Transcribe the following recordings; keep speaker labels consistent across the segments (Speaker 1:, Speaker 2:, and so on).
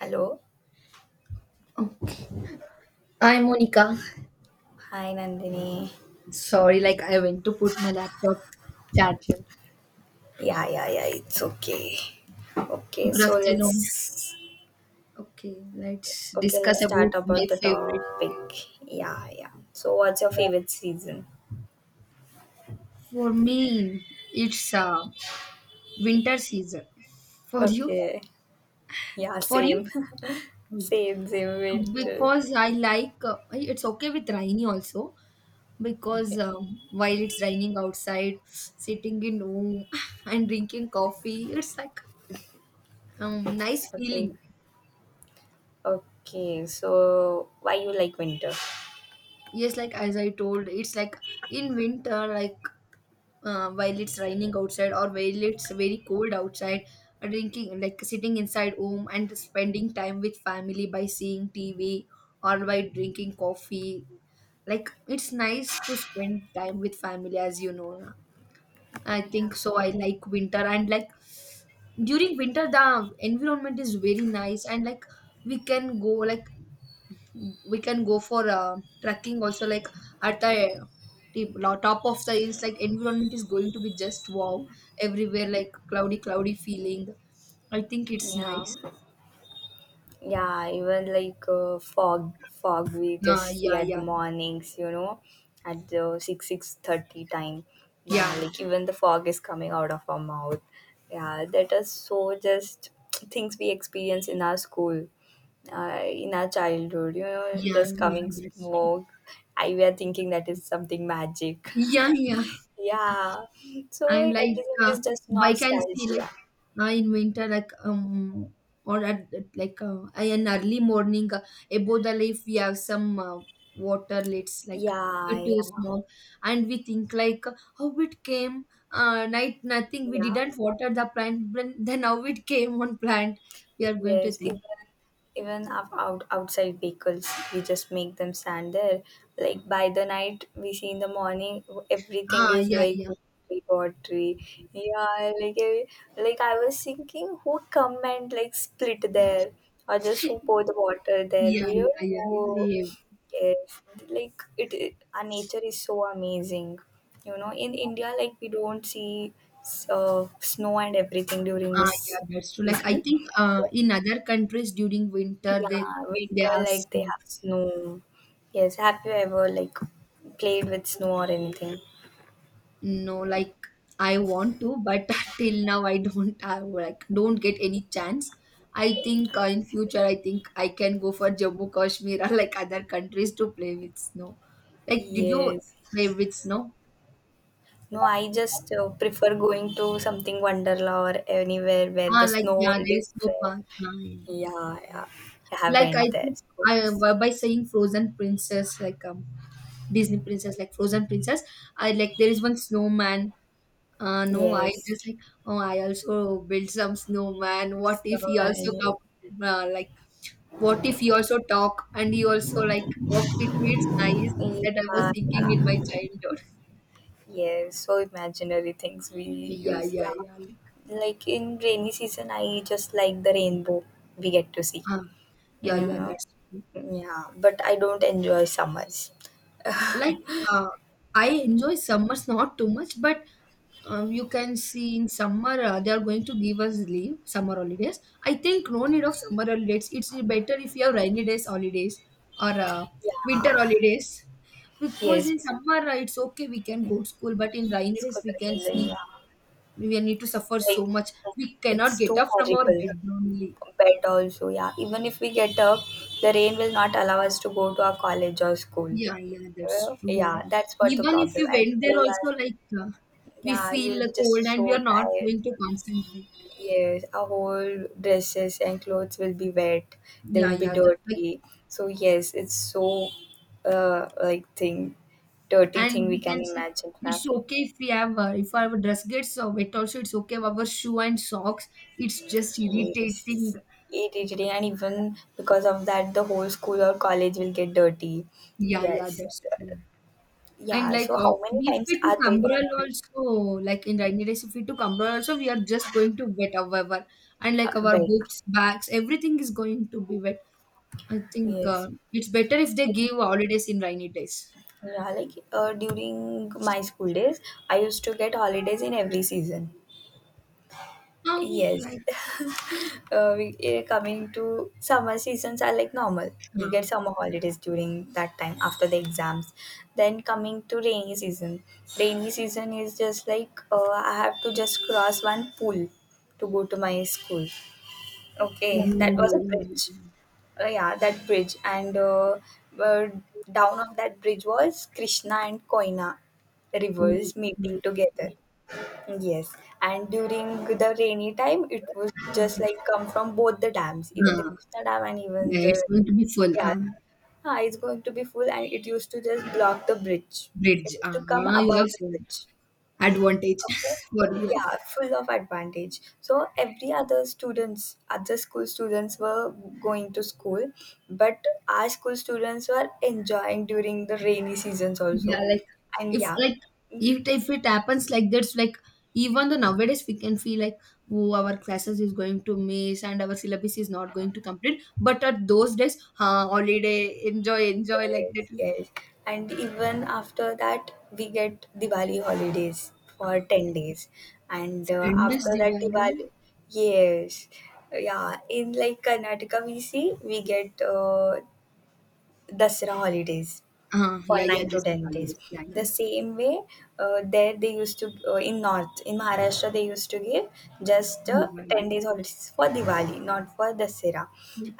Speaker 1: Hello.
Speaker 2: Oh, I'm Monica.
Speaker 1: Hi, Nandini.
Speaker 2: Sorry, like I went to put my laptop charger.
Speaker 1: Yeah, yeah, yeah. It's okay. Okay,
Speaker 2: Good afternoon. Okay, let's discuss
Speaker 1: let's
Speaker 2: about
Speaker 1: start
Speaker 2: my
Speaker 1: about the
Speaker 2: favorite.
Speaker 1: topic. Yeah, yeah. So what's your
Speaker 2: uh,
Speaker 1: favorite season?
Speaker 2: For me, it's winter season. For you?
Speaker 1: Okay. Yeah,
Speaker 2: For
Speaker 1: same.
Speaker 2: you?
Speaker 1: same, same winter.
Speaker 2: Because I like I- it's okay with rainy also because
Speaker 1: Okay.
Speaker 2: while it's raining outside, sitting in home and drinking coffee, it's like nice
Speaker 1: Okay.
Speaker 2: feeling.
Speaker 1: Okay. So why you like winter?
Speaker 2: Yes, like as I told, it's like in winter, like while it's raining outside or while it's very cold outside, drinking, like sitting inside home and spending time with family by seeing TV or by drinking coffee. Like it's nice to spend time with family, as you know. Na. I
Speaker 1: Yeah.
Speaker 2: think so. I like winter and like during winter, the environment is very nice and like we can go like we can go for trekking also like at the top of the hills like environment is going to be just wow everywhere like cloudy feeling. I think it's
Speaker 1: Yeah.
Speaker 2: nice.
Speaker 1: Yeah, even like fog we just see
Speaker 2: Yeah,
Speaker 1: at the
Speaker 2: yeah,
Speaker 1: mornings, at the six thirty time. Yeah,
Speaker 2: yeah,
Speaker 1: like even the fog is coming out of our mouth. Yeah, that is so just things we experience in our school, in our childhood. You know,
Speaker 2: yeah,
Speaker 1: just
Speaker 2: yeah,
Speaker 1: coming
Speaker 2: that's true.
Speaker 1: smoke. I we are thinking that is something magic.
Speaker 2: Yeah, yeah.
Speaker 1: yeah, so
Speaker 2: And like
Speaker 1: everything is just
Speaker 2: I can see like
Speaker 1: nostalgia.
Speaker 2: in winter like or at an early morning, above the leaf we have some water lids, like
Speaker 1: Yeah,
Speaker 2: due to
Speaker 1: yeah,
Speaker 2: smog. And we think like how it came. Night, nothing, we
Speaker 1: yeah.
Speaker 2: didn't water the plant, but then how it came on plant? We are going to
Speaker 1: Yes,
Speaker 2: think.
Speaker 1: even outside vehicles, we just make them stand there. Like by the night, we see in the morning, everything
Speaker 2: Ah,
Speaker 1: is
Speaker 2: yeah,
Speaker 1: like
Speaker 2: yeah.
Speaker 1: watery, watery. Yeah, like I was thinking, who come and like split there, or just who pour the water there?
Speaker 2: Yeah,
Speaker 1: We
Speaker 2: yeah,
Speaker 1: don't
Speaker 2: yeah,
Speaker 1: know.
Speaker 2: same.
Speaker 1: Yes, like it our nature is so amazing. You know, in India, like we don't see snow and everything during
Speaker 2: Ah, yeah,
Speaker 1: this
Speaker 2: that's true. Like I
Speaker 1: season.
Speaker 2: think in other countries during winter
Speaker 1: Yeah,
Speaker 2: they
Speaker 1: winter
Speaker 2: have
Speaker 1: like they
Speaker 2: snow.
Speaker 1: have snow. Yes, have you ever like played with snow or anything?
Speaker 2: No, like I want to, but till now I don't have like don't get any chance. I think in future I think I can go for Jammu Kashmir or like other countries to play with snow. Like, did you
Speaker 1: Yes.
Speaker 2: play with snow?
Speaker 1: No, I just prefer going to something Wonderla or anywhere where
Speaker 2: Ah,
Speaker 1: the
Speaker 2: like,
Speaker 1: snow
Speaker 2: yeah,
Speaker 1: world
Speaker 2: there
Speaker 1: is
Speaker 2: is no
Speaker 1: there.
Speaker 2: park. Ah, yeah, yeah,
Speaker 1: Yeah, yeah.
Speaker 2: yeah.
Speaker 1: I
Speaker 2: Like I
Speaker 1: haven't there.
Speaker 2: think
Speaker 1: So,
Speaker 2: I, by saying Frozen princess, like Disney princess, like Frozen princess. I like there is one snowman. No, I
Speaker 1: yes.
Speaker 2: just like, oh, I also build some snowman. What if he also
Speaker 1: Snowman.
Speaker 2: come, like, what if he also talk and he also like walk with me? It's nice
Speaker 1: Yes.
Speaker 2: that I was
Speaker 1: Yeah,
Speaker 2: thinking in my
Speaker 1: yeah.
Speaker 2: childhood.
Speaker 1: Yes, so imaginary things we
Speaker 2: Yeah,
Speaker 1: use.
Speaker 2: yeah,
Speaker 1: Yeah.
Speaker 2: yeah. Like,
Speaker 1: Like in rainy season, I just like the rainbow we get to see.
Speaker 2: uh, yeah,
Speaker 1: You
Speaker 2: yeah,
Speaker 1: know?
Speaker 2: that's true.
Speaker 1: Yeah, but I don't enjoy summers.
Speaker 2: Like, uh, I enjoy summers not too much, but you can see in summer they are going to give us leave, summer holidays. I think no need of summer holidays, it's better if you have rainy days holidays or winter
Speaker 1: Yeah,
Speaker 2: holidays. Because
Speaker 1: yes,
Speaker 2: in summer it's okay, we can go to school, but in rainy days
Speaker 1: school
Speaker 2: we can
Speaker 1: attending, yeah.
Speaker 2: see we need to suffer so
Speaker 1: Like,
Speaker 2: much. We cannot
Speaker 1: it's
Speaker 2: get
Speaker 1: too
Speaker 2: up from our
Speaker 1: horrible.
Speaker 2: bed only.
Speaker 1: Bed also, yeah. Even if we get up, the rain will not allow us to go to our college or school.
Speaker 2: Yeah, yeah, that's
Speaker 1: Well,
Speaker 2: true.
Speaker 1: yeah,
Speaker 2: Like,
Speaker 1: that's what the
Speaker 2: even if
Speaker 1: problem.
Speaker 2: we
Speaker 1: At
Speaker 2: went there
Speaker 1: school,
Speaker 2: also, like we
Speaker 1: yeah, you
Speaker 2: feel
Speaker 1: will be just
Speaker 2: cold and we
Speaker 1: so
Speaker 2: are not
Speaker 1: tired.
Speaker 2: going to concentrate.
Speaker 1: Yes, our whole dresses and clothes will be wet. They
Speaker 2: Yeah,
Speaker 1: will be
Speaker 2: yeah, that's I.
Speaker 1: dirty. So yes, it's so like thing, dirty thing
Speaker 2: And
Speaker 1: we
Speaker 2: we
Speaker 1: can
Speaker 2: can see
Speaker 1: imagine to
Speaker 2: it's
Speaker 1: have.
Speaker 2: okay if we have if our dress gets wet also, it's okay, our shoe and socks, it's just irritating.
Speaker 1: Yes, and even because of that, the whole school or college will get dirty.
Speaker 2: Yeah, yeah,
Speaker 1: Yes,
Speaker 2: that's true. And
Speaker 1: yeah.
Speaker 2: like,
Speaker 1: So how many
Speaker 2: if
Speaker 1: times
Speaker 2: we
Speaker 1: are
Speaker 2: took
Speaker 1: they
Speaker 2: umbrella
Speaker 1: gonna
Speaker 2: also, like in rainy days, if we took umbrella also, we are just going to wet however. And like our
Speaker 1: wet?
Speaker 2: books, bags, everything is going to be wet. I think
Speaker 1: Yes.
Speaker 2: it's better if they give holidays in rainy days.
Speaker 1: Yeah, like during my school days, I used to get holidays in every season.
Speaker 2: Oh,
Speaker 1: Yes.
Speaker 2: like.
Speaker 1: Coming to summer seasons are like normal. We get
Speaker 2: uh,
Speaker 1: summer holidays during that time after the exams. Then coming to rainy season. Rainy season is just like I have to just cross one pool to go to my school. Okay, that was a
Speaker 2: oh.
Speaker 1: bridge. Yeah, that bridge. And uh, down on that bridge was Krishna and Koina
Speaker 2: Oh,
Speaker 1: rivers meeting
Speaker 2: oh,
Speaker 1: together. Yes, and during the rainy time, it was just like come from both the dams, even the
Speaker 2: oh.
Speaker 1: Krishna Dam and even
Speaker 2: Yeah, it's
Speaker 1: the
Speaker 2: going to be full.
Speaker 1: yeah, it's going to be full, and it used to just block the bridge. It
Speaker 2: Bridge.
Speaker 1: used to come
Speaker 2: Ah, you have
Speaker 1: above the
Speaker 2: full
Speaker 1: bridge.
Speaker 2: advantage
Speaker 1: Okay,
Speaker 2: for you.
Speaker 1: yeah, full of advantage. So every other students, other school students were going to school, but our school students were enjoying during the rainy seasons
Speaker 2: Yeah,
Speaker 1: also, and yeah.
Speaker 2: like if it happens like that's like even the nowadays we can feel like oh our classes is going to miss and our syllabus is not going to complete. But at those days, holiday, enjoy, enjoy like
Speaker 1: Yes,
Speaker 2: that.
Speaker 1: yes. And even after that, we get Diwali holidays
Speaker 2: Ah,
Speaker 1: for
Speaker 2: yeah.
Speaker 1: 10 days. And
Speaker 2: Friend
Speaker 1: after that,
Speaker 2: Diwali.
Speaker 1: Diwali, yes. Yeah, in like Karnataka, we get Dasara holidays
Speaker 2: Ah,
Speaker 1: for
Speaker 2: yeah, yeah,
Speaker 1: nine to
Speaker 2: just
Speaker 1: ten days.
Speaker 2: holidays. Yeah, yeah.
Speaker 1: The same way, there they used to in Maharashtra they used to give just
Speaker 2: Diwali.
Speaker 1: 10 days holidays for Diwali, not for Dasera.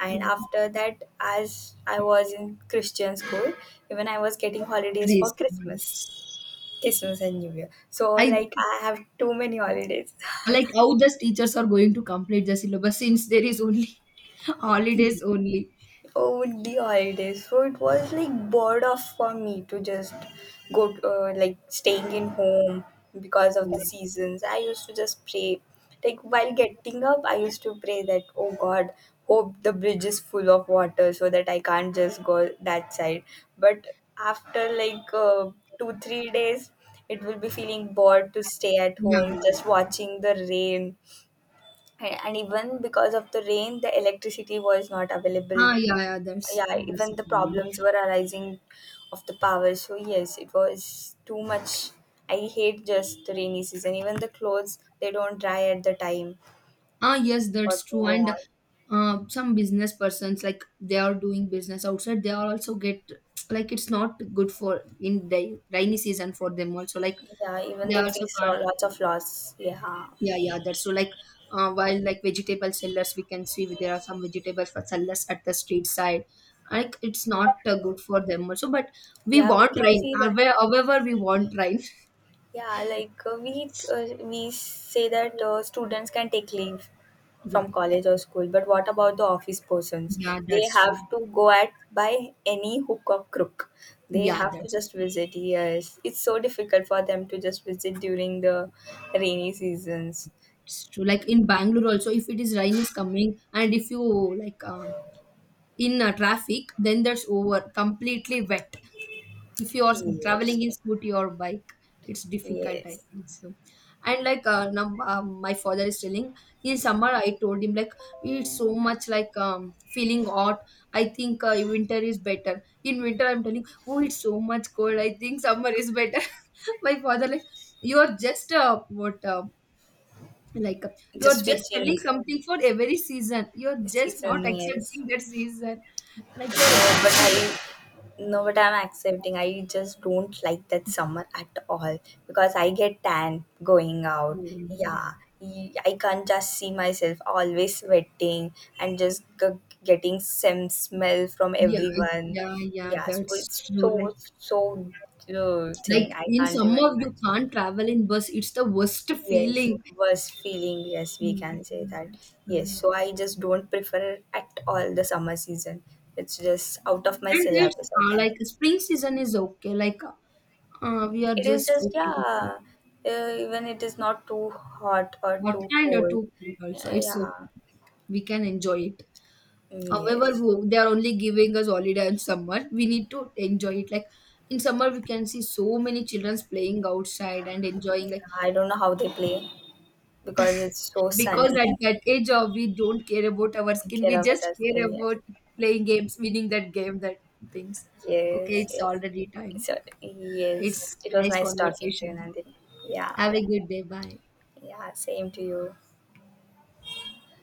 Speaker 1: And after that, as I was in Christian school, even I was getting holidays for Christmas,
Speaker 2: Christmas.
Speaker 1: Christmas and New Year. So
Speaker 2: I
Speaker 1: like I have too many holidays.
Speaker 2: like how these teachers are going to complete the syllabus since there is only holidays only.
Speaker 1: Over the holidays, so it was like bored of for me to just go like staying in home because of the
Speaker 2: Yeah,
Speaker 1: seasons. I used to just pray, like while getting up I used to pray that, oh god, hope the bridge is full of water so that I can't just go that side. But after like 2 3 days it will be feeling bored to stay at
Speaker 2: yeah.
Speaker 1: home just watching the rain. And even because of the rain, the electricity was not available.
Speaker 2: Ah, yeah, yeah,
Speaker 1: Yeah,
Speaker 2: that's
Speaker 1: even
Speaker 2: a
Speaker 1: the
Speaker 2: problem.
Speaker 1: problems were arising of the power. So yes, it was too much. I hate just the rainy season. Even the clothes, they don't dry at the time
Speaker 2: Ah, yes,
Speaker 1: what
Speaker 2: that's true.
Speaker 1: we
Speaker 2: And
Speaker 1: want.
Speaker 2: some business persons like they are doing business outside. They are also get like it's not good for in the rainy season for them also. Like
Speaker 1: Yeah, even
Speaker 2: they are
Speaker 1: they
Speaker 2: also.
Speaker 1: face a lots of loss, yeah.
Speaker 2: Yeah, yeah, that's so, like while like vegetable sellers, we can see there are some vegetables for sellers at the street side. Like it's not good for them also, but we
Speaker 1: Yeah, we
Speaker 2: want
Speaker 1: can
Speaker 2: rain.
Speaker 1: see that.
Speaker 2: However, however we want rain.
Speaker 1: Yeah, like we say that students can take leave
Speaker 2: Yeah,
Speaker 1: from college or school, but what about the office persons?
Speaker 2: yeah,
Speaker 1: They
Speaker 2: that's true.
Speaker 1: have to go at by any hook or crook. They
Speaker 2: Yeah,
Speaker 1: have to
Speaker 2: that's
Speaker 1: just visit. Yes, it's so difficult for them to just visit during the rainy seasons.
Speaker 2: it's true. Like in Bangalore also, if it is rain is coming, and if you like in traffic, then that's over completely wet. If you are
Speaker 1: Yes,
Speaker 2: traveling in scooty or bike, it's difficult, I
Speaker 1: yes,
Speaker 2: think so. And like now my father is telling, in summer I told him like it's so much like feeling hot, I think winter is better. In winter I'm telling oh it's so much cold, I think summer is better. My father like, you're just what like, you're
Speaker 1: just
Speaker 2: just telling
Speaker 1: switching
Speaker 2: something for every season, you're just
Speaker 1: season.
Speaker 2: not
Speaker 1: Yes.
Speaker 2: accepting that season, like you're
Speaker 1: No, but
Speaker 2: expecting.
Speaker 1: I'm accepting. I just don't like that summer at all because I get tan going out. Yeah,
Speaker 2: Yeah.
Speaker 1: I can't just see myself always sweating and just getting some smell from
Speaker 2: Yeah,
Speaker 1: everyone.
Speaker 2: yeah, yeah,
Speaker 1: Yeah, so
Speaker 2: that's
Speaker 1: it's
Speaker 2: true.
Speaker 1: so so thing.
Speaker 2: Like
Speaker 1: I
Speaker 2: in
Speaker 1: can't even
Speaker 2: summer you
Speaker 1: imagine.
Speaker 2: can't travel in bus. It's the worst
Speaker 1: Yes,
Speaker 2: feeling.
Speaker 1: worse feeling. Yes, we
Speaker 2: Yeah,
Speaker 1: can say
Speaker 2: yeah,
Speaker 1: that.
Speaker 2: that's true.
Speaker 1: Yes,
Speaker 2: Like,
Speaker 1: so I just don't prefer at all the summer season. It's just out of my
Speaker 2: and it's
Speaker 1: syllabus, I can.
Speaker 2: like spring season is okay. Like, we are
Speaker 1: It is
Speaker 2: just
Speaker 1: just,
Speaker 2: okay with it.
Speaker 1: yeah, even it is not too hot or
Speaker 2: But
Speaker 1: too
Speaker 2: and
Speaker 1: cold.
Speaker 2: too cold also, it's okay.
Speaker 1: Yeah,
Speaker 2: Like, we can enjoy it.
Speaker 1: mm,
Speaker 2: However,
Speaker 1: yes.
Speaker 2: wo- they are only giving us holiday in summer. We need to enjoy it. Like in summer, we can see so many childrens playing outside and enjoying.
Speaker 1: Yeah,
Speaker 2: Like
Speaker 1: I don't know how they play because it's so
Speaker 2: because at
Speaker 1: sunny.
Speaker 2: that age of we don't care about our skin, we
Speaker 1: Care
Speaker 2: just
Speaker 1: about our
Speaker 2: care
Speaker 1: skin, yes.
Speaker 2: about playing games, winning that game, that things. Okay,
Speaker 1: Yes,
Speaker 2: it's
Speaker 1: yes.
Speaker 2: already time.
Speaker 1: So, yes,
Speaker 2: It's
Speaker 1: it was
Speaker 2: nice
Speaker 1: nice talking to you,
Speaker 2: conversation.
Speaker 1: Nandini. Yeah,
Speaker 2: Have a good day. Bye.
Speaker 1: yeah, same to you.